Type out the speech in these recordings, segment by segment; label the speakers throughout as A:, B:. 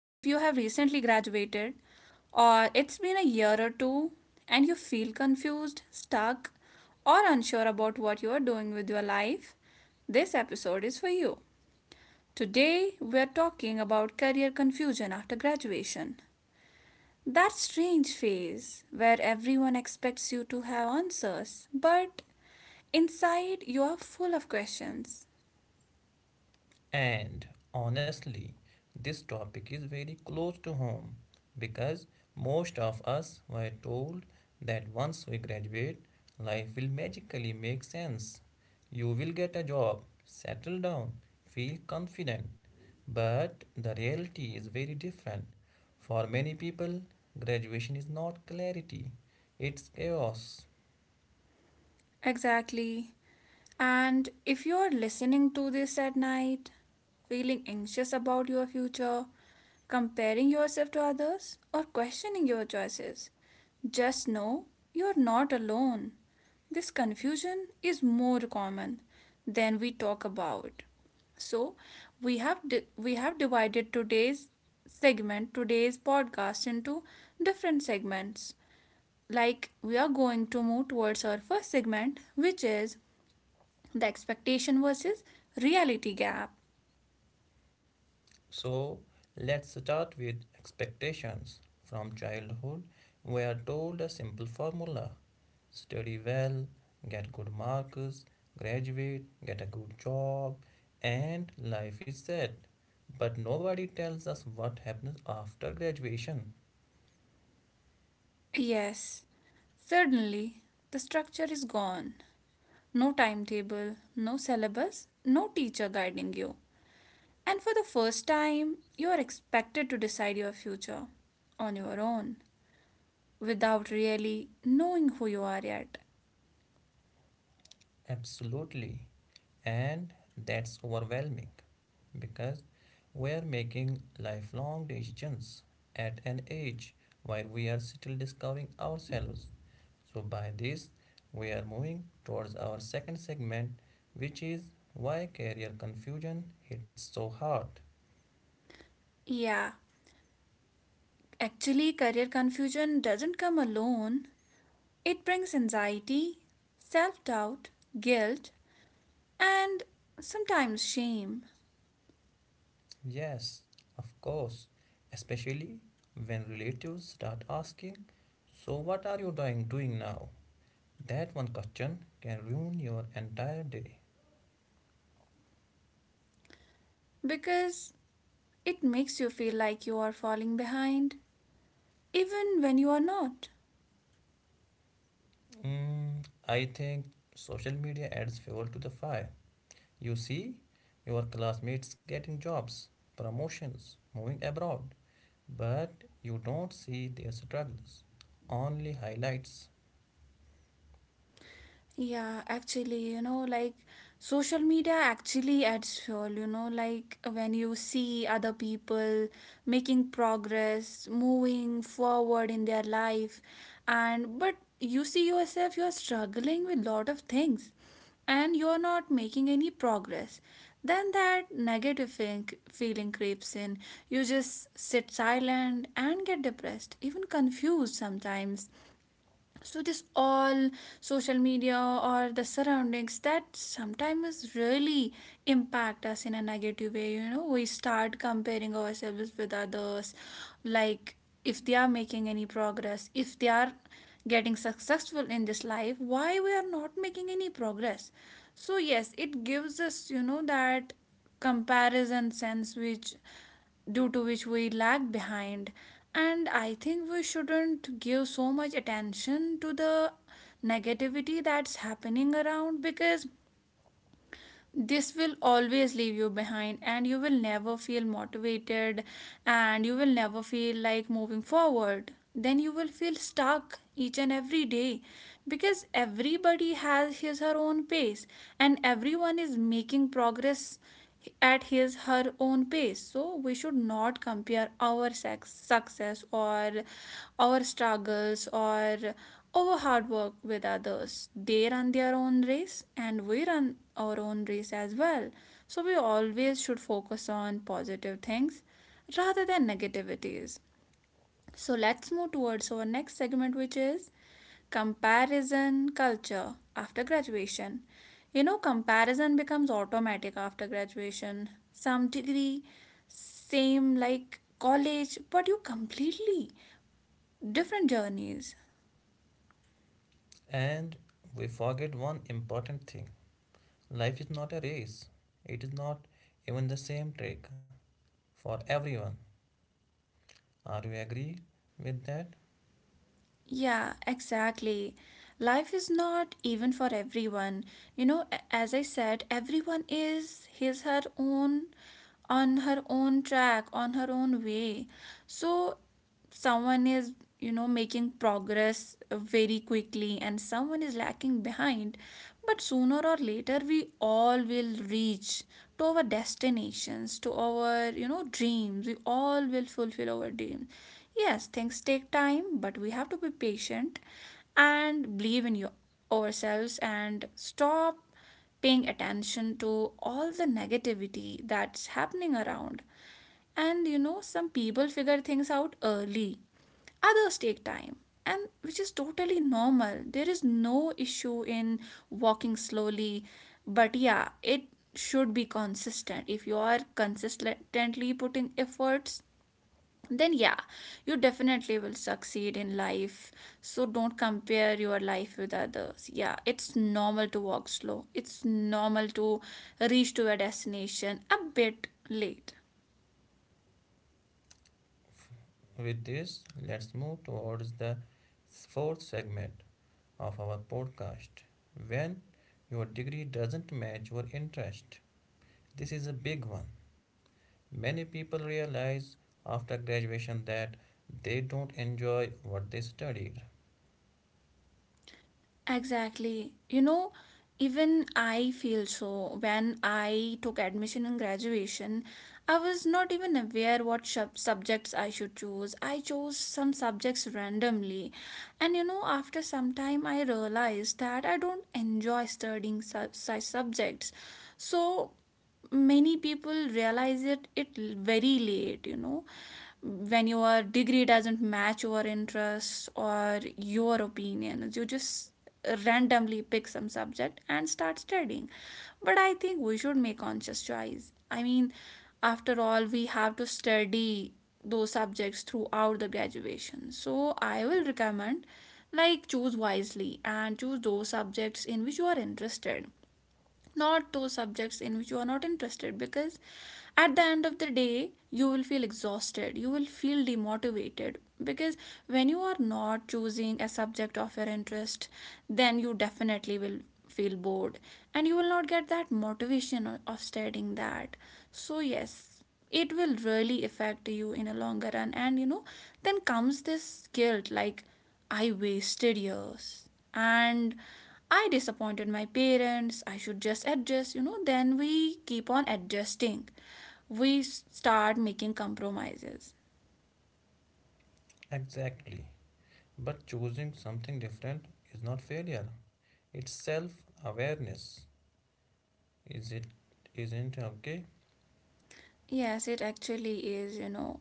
A: If you have recently graduated or it's been a year or two and you feel confused, stuck, or unsure about what you are doing with your life, this episode is for you. Today, we are talking about career confusion after graduation. That strange phase where everyone expects you to have answers, but inside you are full of questions.
B: And honestly, this topic is very close to home because most of us were told that once we graduate, life will magically make sense. You will get a job, settle down, feel confident. But the reality is very different. For many people, graduation is not clarity, it's chaos.
A: Exactly. And if you are listening to this at night, feeling anxious about your future, comparing yourself to others, or questioning your choices, just know you're not alone. This confusion is more common than we talk about. So, we have divided today's segment, today's podcast into different segments. Like we are going to move towards our first segment, which is the expectation versus reality gap.
B: So let's start with expectations. From childhood, we are told a simple formula: study well, get good marks, graduate, get a good job, and life is set. But nobody tells us what happens after graduation.
A: Yes, suddenly the structure is gone. No timetable, no syllabus, no teacher guiding you. And for the first time, you are expected to decide your future on your own without really knowing who you are yet.
B: Absolutely. And that's overwhelming because we are making lifelong decisions at an age where we are still discovering ourselves. So by this, we are moving towards our second segment, which is why career confusion hits so hard.
A: Yeah, actually, career confusion doesn't come alone, it brings anxiety, self doubt, guilt, and sometimes shame
B: Yes, of course, especially when relatives start asking, "So, what are you doing now?" That one question can ruin your entire day.
A: because it makes you feel like you are falling behind, even when you are not.
B: Mm, I think social media adds fuel to the fire. You see, your classmates getting jobs, promotions, moving abroad, but you don't see their struggles, only highlights.
A: Yeah, actually, you know, like social media actually adds fuel, you know, like when you see other people making progress, moving forward in their life, and but you see yourself, you're struggling with lot of things and you're not making any progress. Then that negative feeling creeps in. You just sit silent and get depressed, even confused sometimes. So this all social media or the surroundings that sometimes really impact us in a negative way, you know, we start comparing ourselves with others. Like if they are making any progress, if they are getting successful in this life, why we are not making any progress. So yes, it gives us, you know, that comparison sense which due to which we lag behind. And I think we shouldn't give so much attention to the negativity that's happening around because this will always leave you behind and you will never feel motivated and you will never feel like moving forward. Then you will feel stuck each and every day because everybody has his her own pace and everyone is making progress at his her own pace. So we should not compare our sex, success or our struggles or our hard work with others. They run their own race and we run our own race as well. So we always should focus on positive things rather than negativities. So let's move towards our next segment, which is comparison culture after graduation. You know, comparison becomes automatic after graduation. Some degree, same like college, but you completely different journeys.
B: And we forget one important thing: life is not a race, it is not even the same track for everyone. Are you agree with that?
A: Yeah, exactly. Life is not even for everyone. You know, as I said, everyone is his her own on her own track, on her own way. So someone is, you know, making progress very quickly and someone is lacking behind but sooner or later we all will reach to our destinations, to our, you know, dreams. We all will fulfill our dreams. Yes, things take time but we have to be patient and believe in your ourselves and stop paying attention to all the negativity that's happening around. And you know, some people figure things out early, others take time, and which is totally normal. There is no issue in walking slowly, but yeah, it should be consistent. If you are consistently putting efforts, then yeah, you definitely will succeed in life. So don't compare your life with others. Yeah, it's normal to walk slow, it's normal to reach to a destination a bit late.
B: With this, let's move towards the fourth segment of our podcast: when your degree doesn't match your interest. This is a big one. Many people realize after graduation that they don't enjoy what they studied.
A: Exactly. You know, even I feel so. When I took admission and graduation, I was not even aware what subjects I should choose. I chose some subjects randomly. And you know, after some time, I realized that I don't enjoy studying such subjects. So, many people realize it very late. You know, when your degree doesn't match your interests or your opinions, you just randomly pick some subject and start studying, but I think we should make conscious choice. I mean, after all we have to study those subjects throughout the graduation. So I will recommend like choose wisely and choose those subjects in which you are interested, not those subjects in which you are not interested because at the end of the day you will feel exhausted, you will feel demotivated because when you are not choosing a subject of your interest then you definitely will feel bored and you will not get that motivation of studying that. So yes, it will really affect you in a longer run. And you know, then comes this guilt like I wasted years and I disappointed my parents. I should just adjust, you know. Then we keep on adjusting. We start making compromises.
B: Exactly. But choosing something different is not failure. It's self-awareness. Is it isn't okay?
A: Yes, it actually is, you know,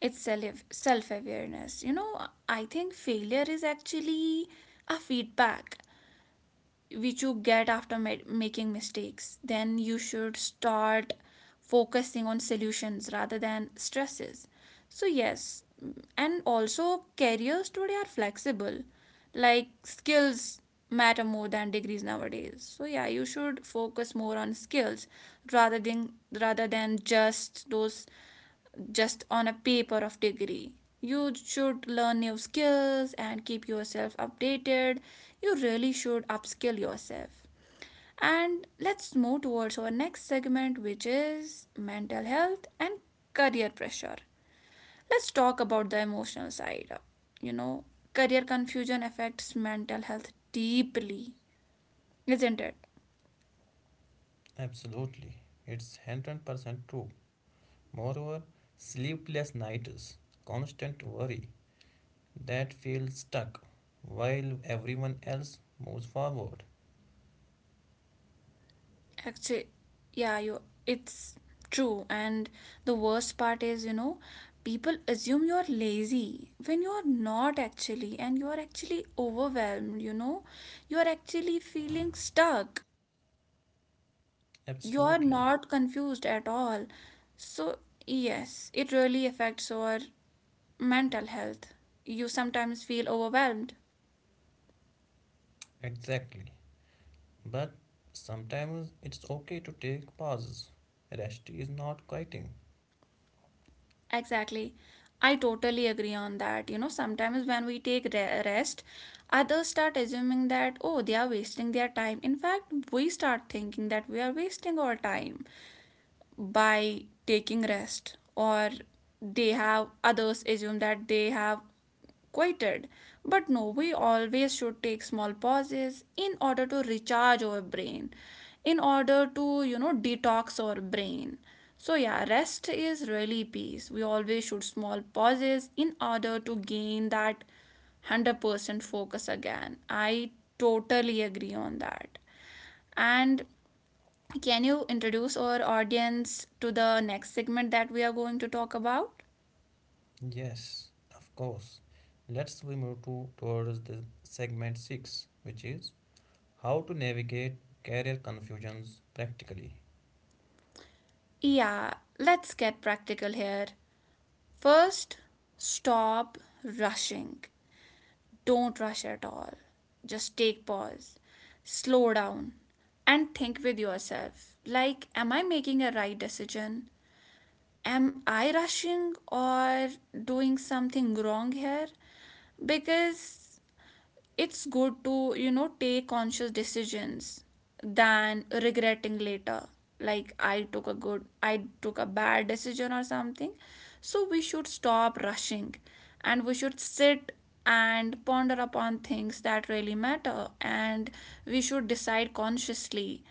A: it's self awareness. You know, I think failure is actually a feedback which you get after making mistakes. Then you should start focusing on solutions rather than stresses. So yes, and also careers today are flexible like skills matter more than degrees nowadays. So yeah, you should focus more on skills rather than rather than just those, just on a paper of degree. You should learn new skills and keep yourself updated. You really should upskill yourself. And let's move towards our next segment, which is mental health and career pressure. Let's talk about the emotional side. You know, career confusion affects mental health deeply, isn't it?
B: Absolutely. It's 100% true. Moreover, sleepless nights, constant worry that feels stuck while everyone else moves forward.
A: Actually, yeah, you it's true. And the worst part is, you know, people assume you're lazy when you're not actually, and you're actually overwhelmed, you know, you're actually feeling stuck. You're
B: Absolutely.
A: not confused at all. So, yes, it really affects our mental health. You sometimes feel overwhelmed.
B: Exactly. But sometimes it's okay to take pauses. Rest is not quitting.
A: Exactly. I totally agree on that. You know, sometimes when we take rest, others start assuming that, oh, they are wasting their time. In fact, we start thinking that we are wasting our time by taking rest or they have others assume that they have quieted, but no, we always should take small pauses in order to recharge our brain, in order to, you know, detox our brain. So yeah, rest is really peace. We always should small pauses in order to gain that 100% focus again. I totally agree on that. And can you introduce our audience to the next segment that we are going to talk about?
B: Yes, of course. Let's we move to towards the segment six, which is how to navigate career confusions practically.
A: Yeah, let's get practical here. First, stop rushing. Don't rush at all. Just take pause, slow down, and think with yourself like, am I making a right decision? Am I rushing or doing something wrong here? Because it's good to, you know, take conscious decisions than regretting later, like I took a bad decision or something. So we should stop rushing and we should sit and ponder upon things that really matter and we should decide consciously,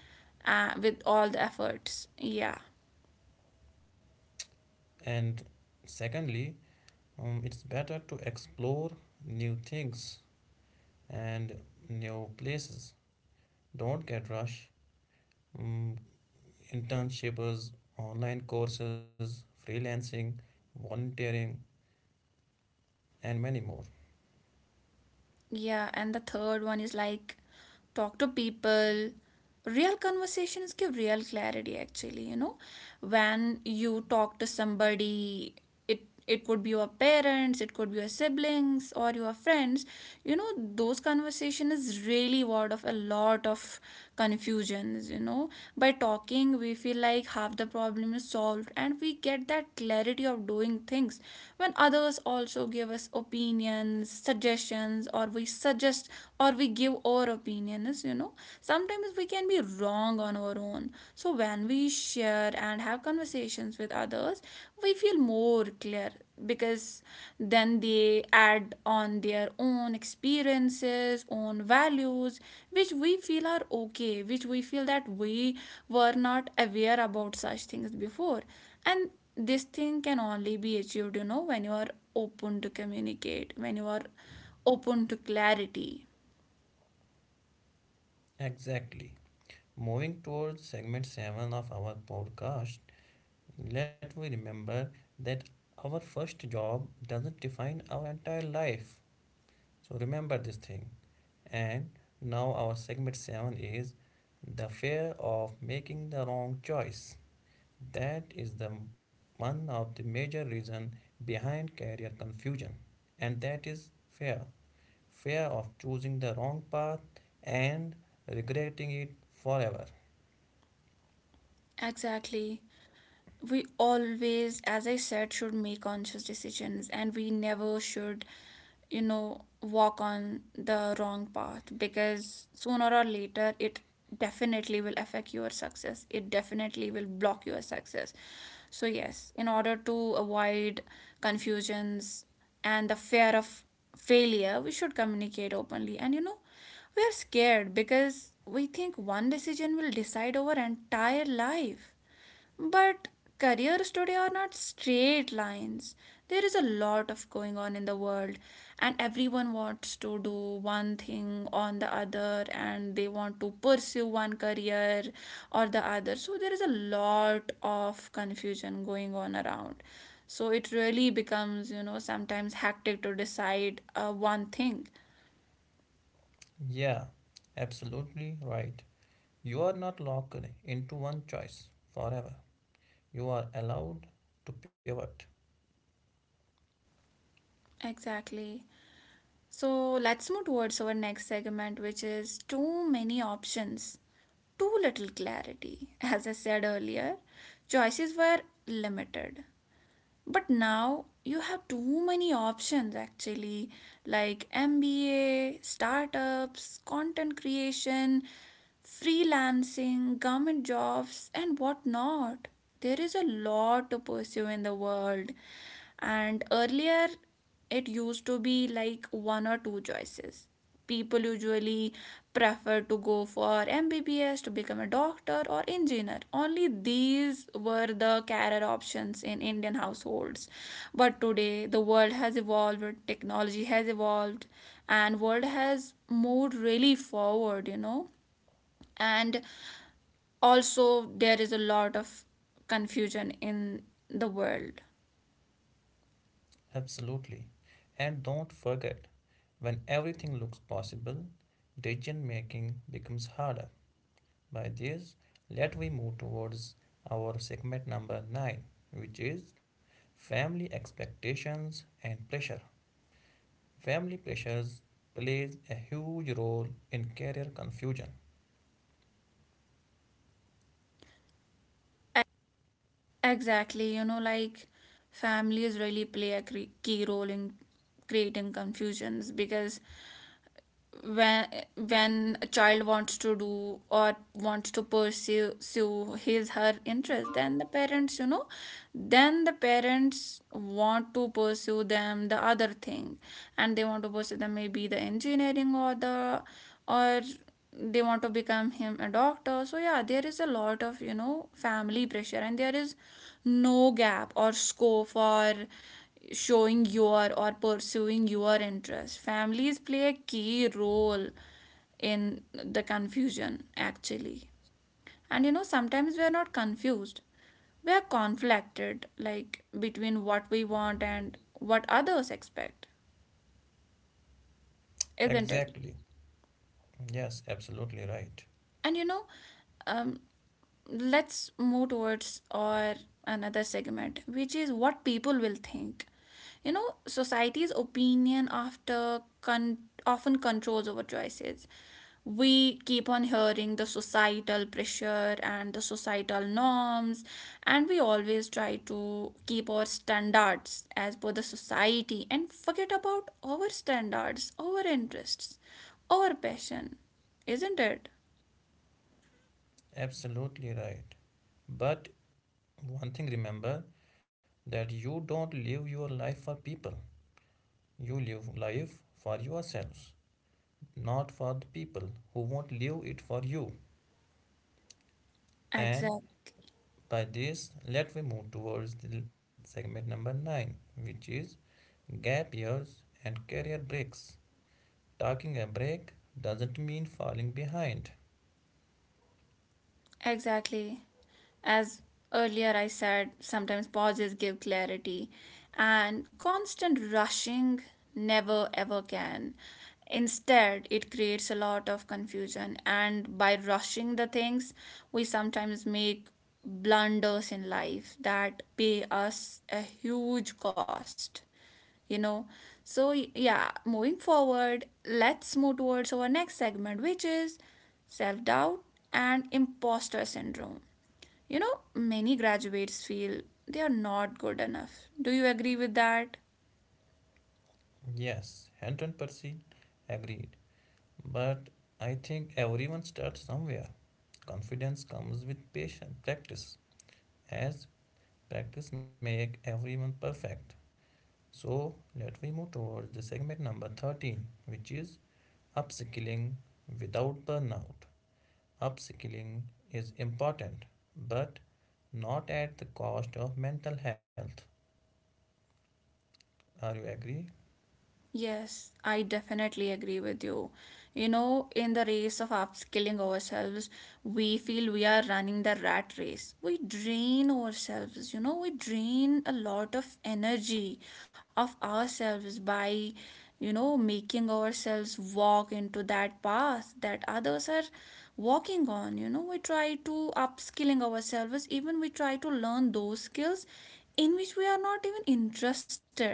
A: with all the efforts, yeah.
B: And secondly, it's better to explore new things and new places. Don't get rush. Um, Internships, online courses, freelancing, volunteering, and many more.
A: Yeah, and the third one is like talk to people. Real conversations give real clarity actually, you know. When you talk to somebody, it it could be your parents, it could be your siblings or your friends, you know, those conversation is really word of a lot of confusions, you know. By talking we feel like half the problem is solved and we get that clarity of doing things when others also give us opinions, suggestions opinions or we suggest or we give our opinions, you know, sometimes we can be wrong on our own. So when we share and have conversations with others we feel more clear because then they add on their own experiences own values which we feel are okay, which we feel that we were not aware about such things before. And this thing can only be achieved, you know, when you are open to communicate, when you are open to clarity.
B: Exactly. Moving towards segment 7 of our podcast, let we remember that our first job doesn't define our entire life. So remember this thing. And now our segment 7 is the fear of making the wrong choice. That is the one of the major reason behind career confusion, and that is fear: fear of choosing the wrong path and regretting it forever.
A: Exactly. We always, as I said, should make conscious decisions and we never should, you know, walk on the wrong path because sooner or later it definitely will affect your success, it definitely will block your success. So yes, in order to avoid confusions and the fear of failure we should communicate openly and you know, we are scared because we think one decision will decide over entire life, but careers today are not straight lines. There is a lot of going on in the world, and everyone wants to do one thing on the other, and they want to pursue one career or the other. So, there is a lot of confusion going on around. So, it really becomes, you know, sometimes hectic to decide one thing.
B: Yeah, absolutely right. You are not locked into one choice forever. You are allowed to pivot.
A: Exactly. So, let's move towards our next segment, which is too many options. Too little clarity. As I said earlier, choices were limited. But now you have too many options actually, like MBA, startups, content creation, freelancing, government jobs, and whatnot. There is a lot to pursue in the world. And earlier, it used to be like one or two choices. People usually prefer to go for MBBS to become a doctor or engineer. Only these were the career options in Indian households. But today the world has evolved, technology has evolved, and world has moved really forward, you know. And also there is a lot of confusion in the world.
B: Absolutely. And don't forget, when everything looks possible, decision making becomes harder. By this, let we move towards our segment number 9, which is family expectations and pressure. Family pressures plays a huge role in career confusion.
A: Exactly, you know, like families really play a key role in creating confusions because when when a child wants to do or wants to pursue his her interest, then the parents, you know, then the parents want to pursue them the other thing, and they want to pursue them maybe the engineering or the or they want to become him a doctor. So yeah, there is a lot of, you know, family pressure, and there is no gap or scope for showing your or pursuing your interest. Families play a key role in the confusion actually. And you know, sometimes we are not confused, we are conflicted, like between what we want and what others expect, isn't it?
B: Exactly. Yes, absolutely right.
A: And you know, um, let's move towards our another segment, which is what people will think, you know. Society's opinion often controls our choices. We keep on hearing the societal pressure and the societal norms, and we always try to keep our standards as per the society and forget about our standards, our interests, our passion, isn't it?
B: Absolutely right. But one thing remember that you don't live your life for people. You live life for yourselves, not for the people who won't live it for you. And
A: Exactly.
B: by this, let me move towards the segment number 9, which is gap years and career breaks. Taking a break doesn't mean falling behind.
A: Exactly. As earlier I said, sometimes pauses give clarity, and constant rushing never ever can. Instead, it creates a lot of confusion, and by rushing the things, we sometimes make blunders in life that pay us a huge cost, you know. So yeah, moving forward, let's move towards our next segment, which is self doubt and imposter syndrome. You know, many graduates feel they are not good enough. Do you agree with that?
B: Yes, Henton Percy agreed. But I think everyone starts somewhere. Confidence comes with patience, practice, as practice makes everyone perfect. So let we move towards the segment number 13, which is upskilling without burnout. Upskilling is important, but not at the cost of mental health. Are you agree?
A: Yes, I definitely agree with you. You know, in the race of upskilling ourselves, we feel we are running the rat race. We drain ourselves, you know, we drain a lot of energy of ourselves by, you know, making ourselves walk into that path that others are walking on. You know, we try to upskilling ourselves, even we try to learn those skills in which we are not even interested.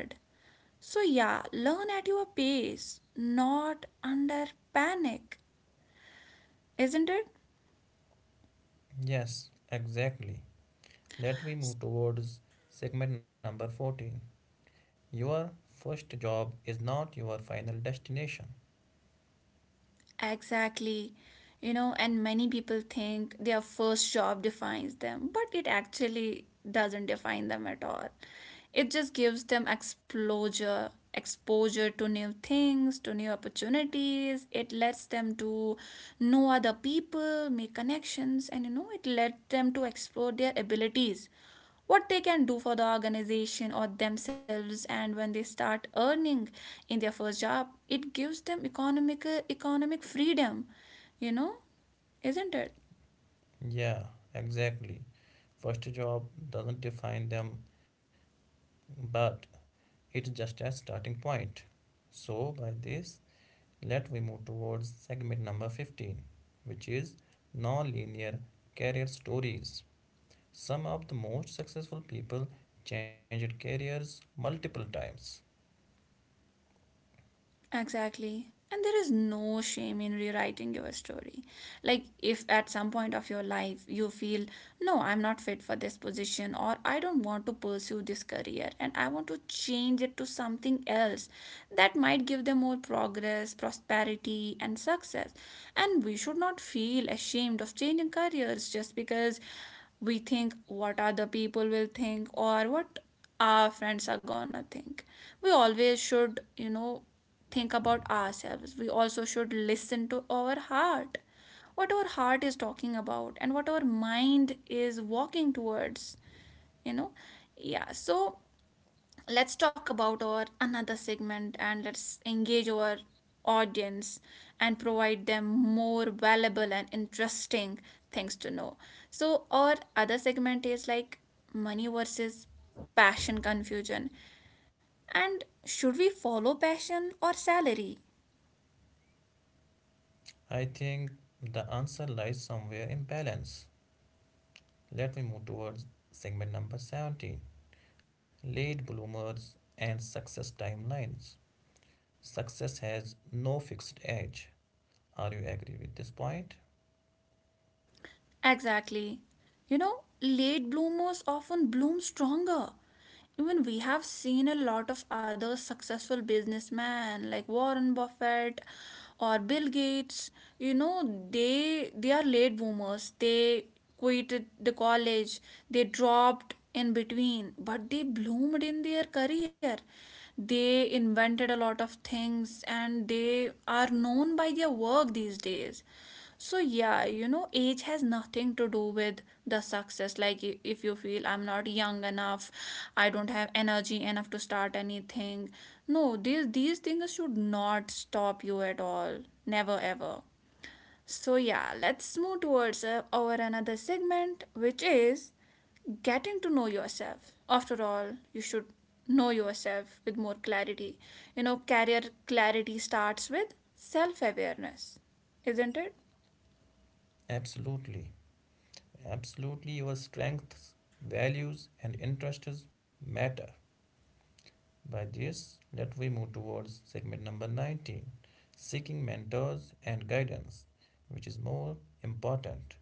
A: So yeah, learn at your pace, not under panic, isn't it?
B: Yes, exactly. Let we move towards segment number 14. Your first job is not your final destination.
A: Exactly. You know, and many people think their first job defines them, but it actually doesn't define them at all. It just gives them exposure, exposure to new things, to new opportunities. It lets them to know other people, make connections, and you know, it lets them to explore their abilities, what they can do for the organization or themselves. And when they start earning in their first job, it gives them economic freedom, you know, isn't it?
B: Yeah, exactly. First job doesn't define them, but it's just a starting point. So, by this, let we move towards segment number 15, which is non-linear career stories. Some of the most successful people changed careers multiple times.
A: Exactly. And there is no shame in rewriting your story. Like, if at some point of your life you feel, no, I'm not fit for this position, or I don't want to pursue this career and I want to change it to something else that might give them more progress, prosperity, and success. And we should not feel ashamed of changing careers just because we think what other people will think or what our friends are gonna think. We always should, you know, think about ourselves. We also should listen to our heart, what our heart is talking about and what our mind is walking towards, you know. Yeah, so let's talk about our another segment and let's engage our audience and provide them more valuable and interesting things to know. So our other segment is like money versus passion confusion, and should we follow passion or salary?
B: I think the answer lies somewhere in balance. Let me move towards segment number 17: late bloomers and success timelines. Success has no fixed age. Are you agree with this point?
A: Exactly. You know, late bloomers often bloom stronger. Even we have seen a lot of other successful businessmen like Warren Buffett or Bill Gates. You know, they are late bloomers. They quit the college. They dropped in between, but they bloomed in their career. They invented a lot of things and they are known by their work these days. So yeah, you know, age has nothing to do with the success. Like, if you feel I'm not young enough, I don't have energy enough to start anything. No, these things should not stop you at all. Never ever. So yeah, let's move towards our another segment, which is getting to know yourself. After all, you should know yourself with more clarity. You know, career clarity starts with self awareness, isn't it?
B: Absolutely. Absolutely, your strengths, values, and interests matter. By this, let we move towards segment number 19, seeking mentors and guidance, which is more important.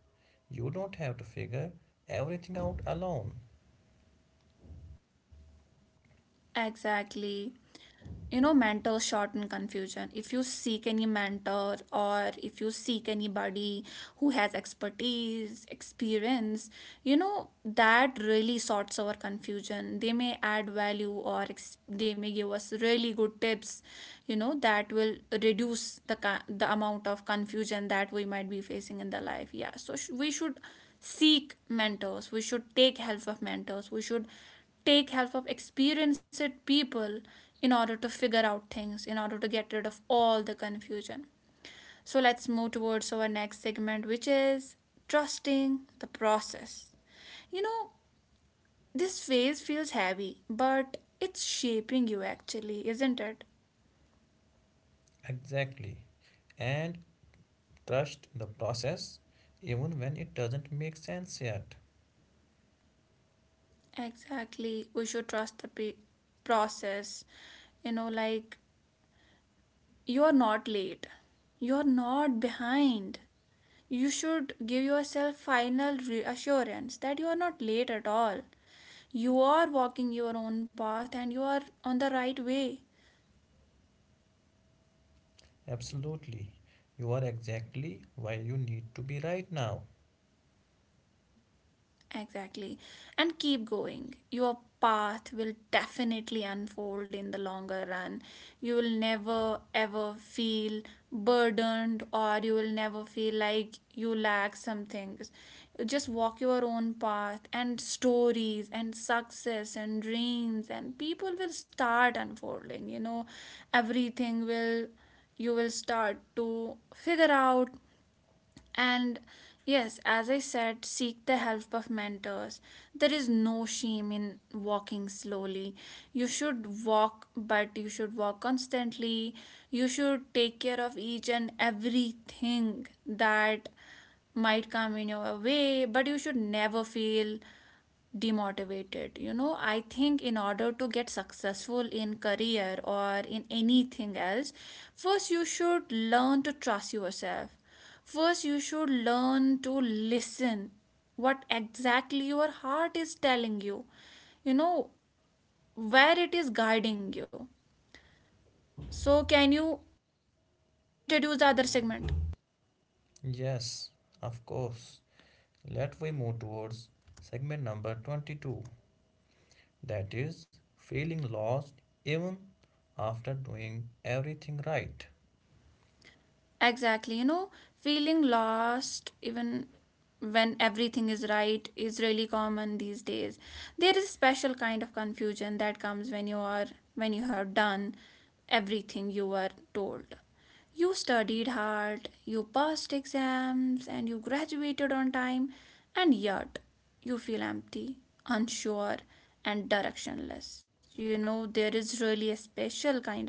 B: You don't have to figure everything out alone.
A: Exactly. You know, mentors shorten confusion. If you seek any mentor or if you seek anybody who has expertise, experience, you know, that really sorts our confusion. They may add value or they may give us really good tips, you know, that will reduce the amount of confusion that we might be facing in the life. Yeah. We should seek mentors. We should take help of mentors. We should take help of experienced people in order to figure out things, in order to get rid of all the confusion. So let's move towards our next segment, which is trusting the process. You know, this phase feels heavy, but it's shaping you actually, isn't it?
B: Exactly. And trust the process even when it doesn't make sense yet.
A: Exactly. We should trust process. You know, like you are not late, you are not behind. You should give yourself final reassurance that you are not late at all. You are walking your own path and you are on the right way.
B: Absolutely. You are exactly where you need to be right now.
A: Exactly. And keep going. Your path will definitely unfold in the longer run. You will never ever feel burdened or you will never feel like you lack some things. Just walk your own path and stories and success and dreams and people will start unfolding. You know, everything will, you will start to figure out. And yes, as I said, seek the help of mentors. There is no shame in walking slowly. You should walk, but you should walk constantly. You should take care of each and everything that might come in your way, but you should never feel demotivated. You know, I think in order to get successful in career or in anything else, first you should learn to trust yourself. First you should learn to listen what exactly your heart is telling you, you know, where it is guiding you. So can you introduce the other segment?
B: Yes, of course. Let we move towards segment number 22, that is feeling lost even after doing everything right.
A: Exactly, you know, feeling lost even when everything is right is really common these days. There is a special kind of confusion that comes when you have done everything you were told. You studied hard, you passed exams, and you graduated on time, and yet you feel empty, unsure, and directionless. You know, there is really a special kind of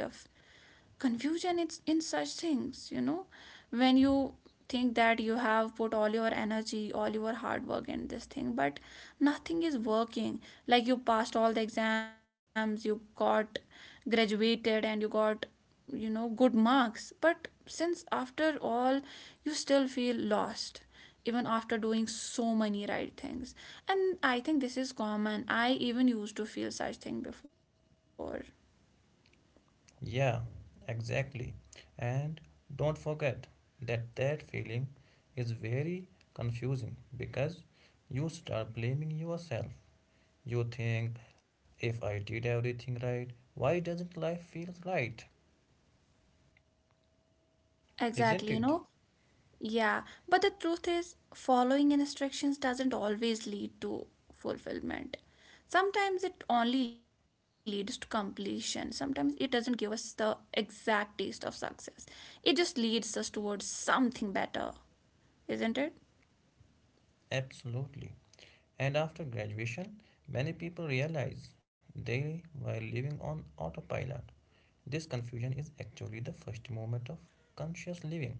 A: confusion it's in such things, you know, when you think that you have put all your energy, all your hard work in this thing, but nothing is working. Like, you passed all the exams, you got graduated, and you got, you know, good marks, but since after all, you still feel lost even after doing so many right things. And I think this is common, I even used to feel such thing before.
B: Yeah, exactly. And don't forget that that feeling is very confusing because you start blaming yourself. You think, if I did everything right, why doesn't life feel right? Isn't
A: Exactly, you
B: it?
A: know. Yeah, but the truth is, following instructions doesn't always lead to fulfillment. Sometimes it only leads to completion. Sometimes it doesn't give us the exact taste of success. It just leads us towards something better, isn't it?
B: Absolutely. And after graduation, many people realize they were living on autopilot. This confusion is actually the first movement of conscious living.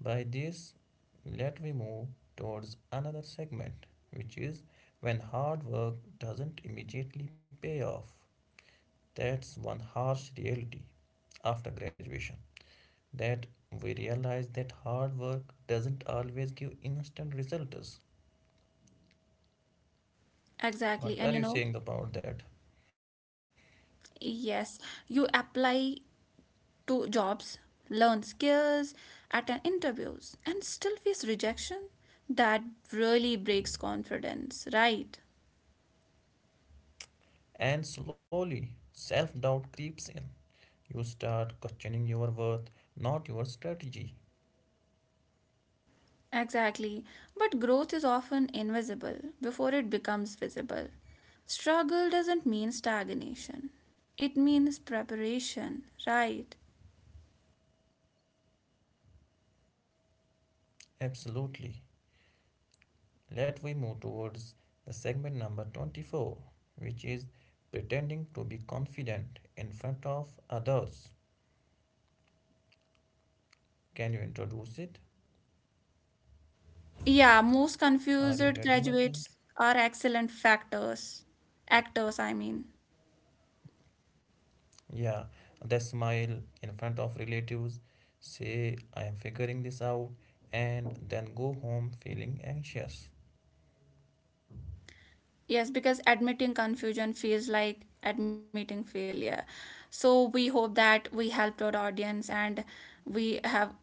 B: By this, let we move towards another segment, which is when hard work doesn't immediately pay off. That's one harsh reality after graduation, that we realize that hard work doesn't always give instant results.
A: Exactly.
B: What
A: And
B: are
A: you
B: you
A: know,
B: saying about that?
A: yes, you apply to jobs, learn skills, attend interviews, and still face rejection. That really breaks confidence, right?
B: And slowly, self doubt creeps in. You start questioning your worth, not your strategy.
A: Exactly. But growth is often invisible before it becomes visible. Struggle doesn't mean stagnation, it means preparation, right?
B: Absolutely. Let we move towards the segment number 24, which is pretending to be confident in front of others. Can you introduce it?
A: Yeah, most
B: Are
A: confused
B: you getting my point?
A: graduates are excellent factors. Actors, I mean.
B: Yeah, the smile in front of relatives, say, "I am figuring this out," and then go home feeling anxious.
A: Yes, because admitting confusion feels like admitting failure. So we hope that we helped our audience and we have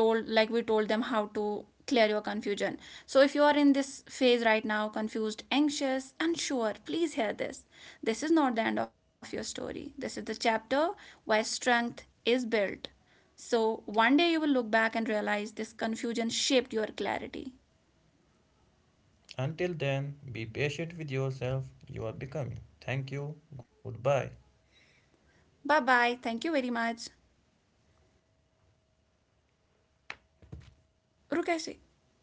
A: told, like we told them how to clear your confusion. So if you are in this phase right now, confused, anxious, unsure, please hear this. This is not the end of your story. This is the chapter where strength is built. So one day you will look back and realize this confusion shaped your clarity.
B: Until then, be patient with yourself, you are becoming. Thank you, goodbye.
A: Bye bye. Thank you very much. रुक ऐसे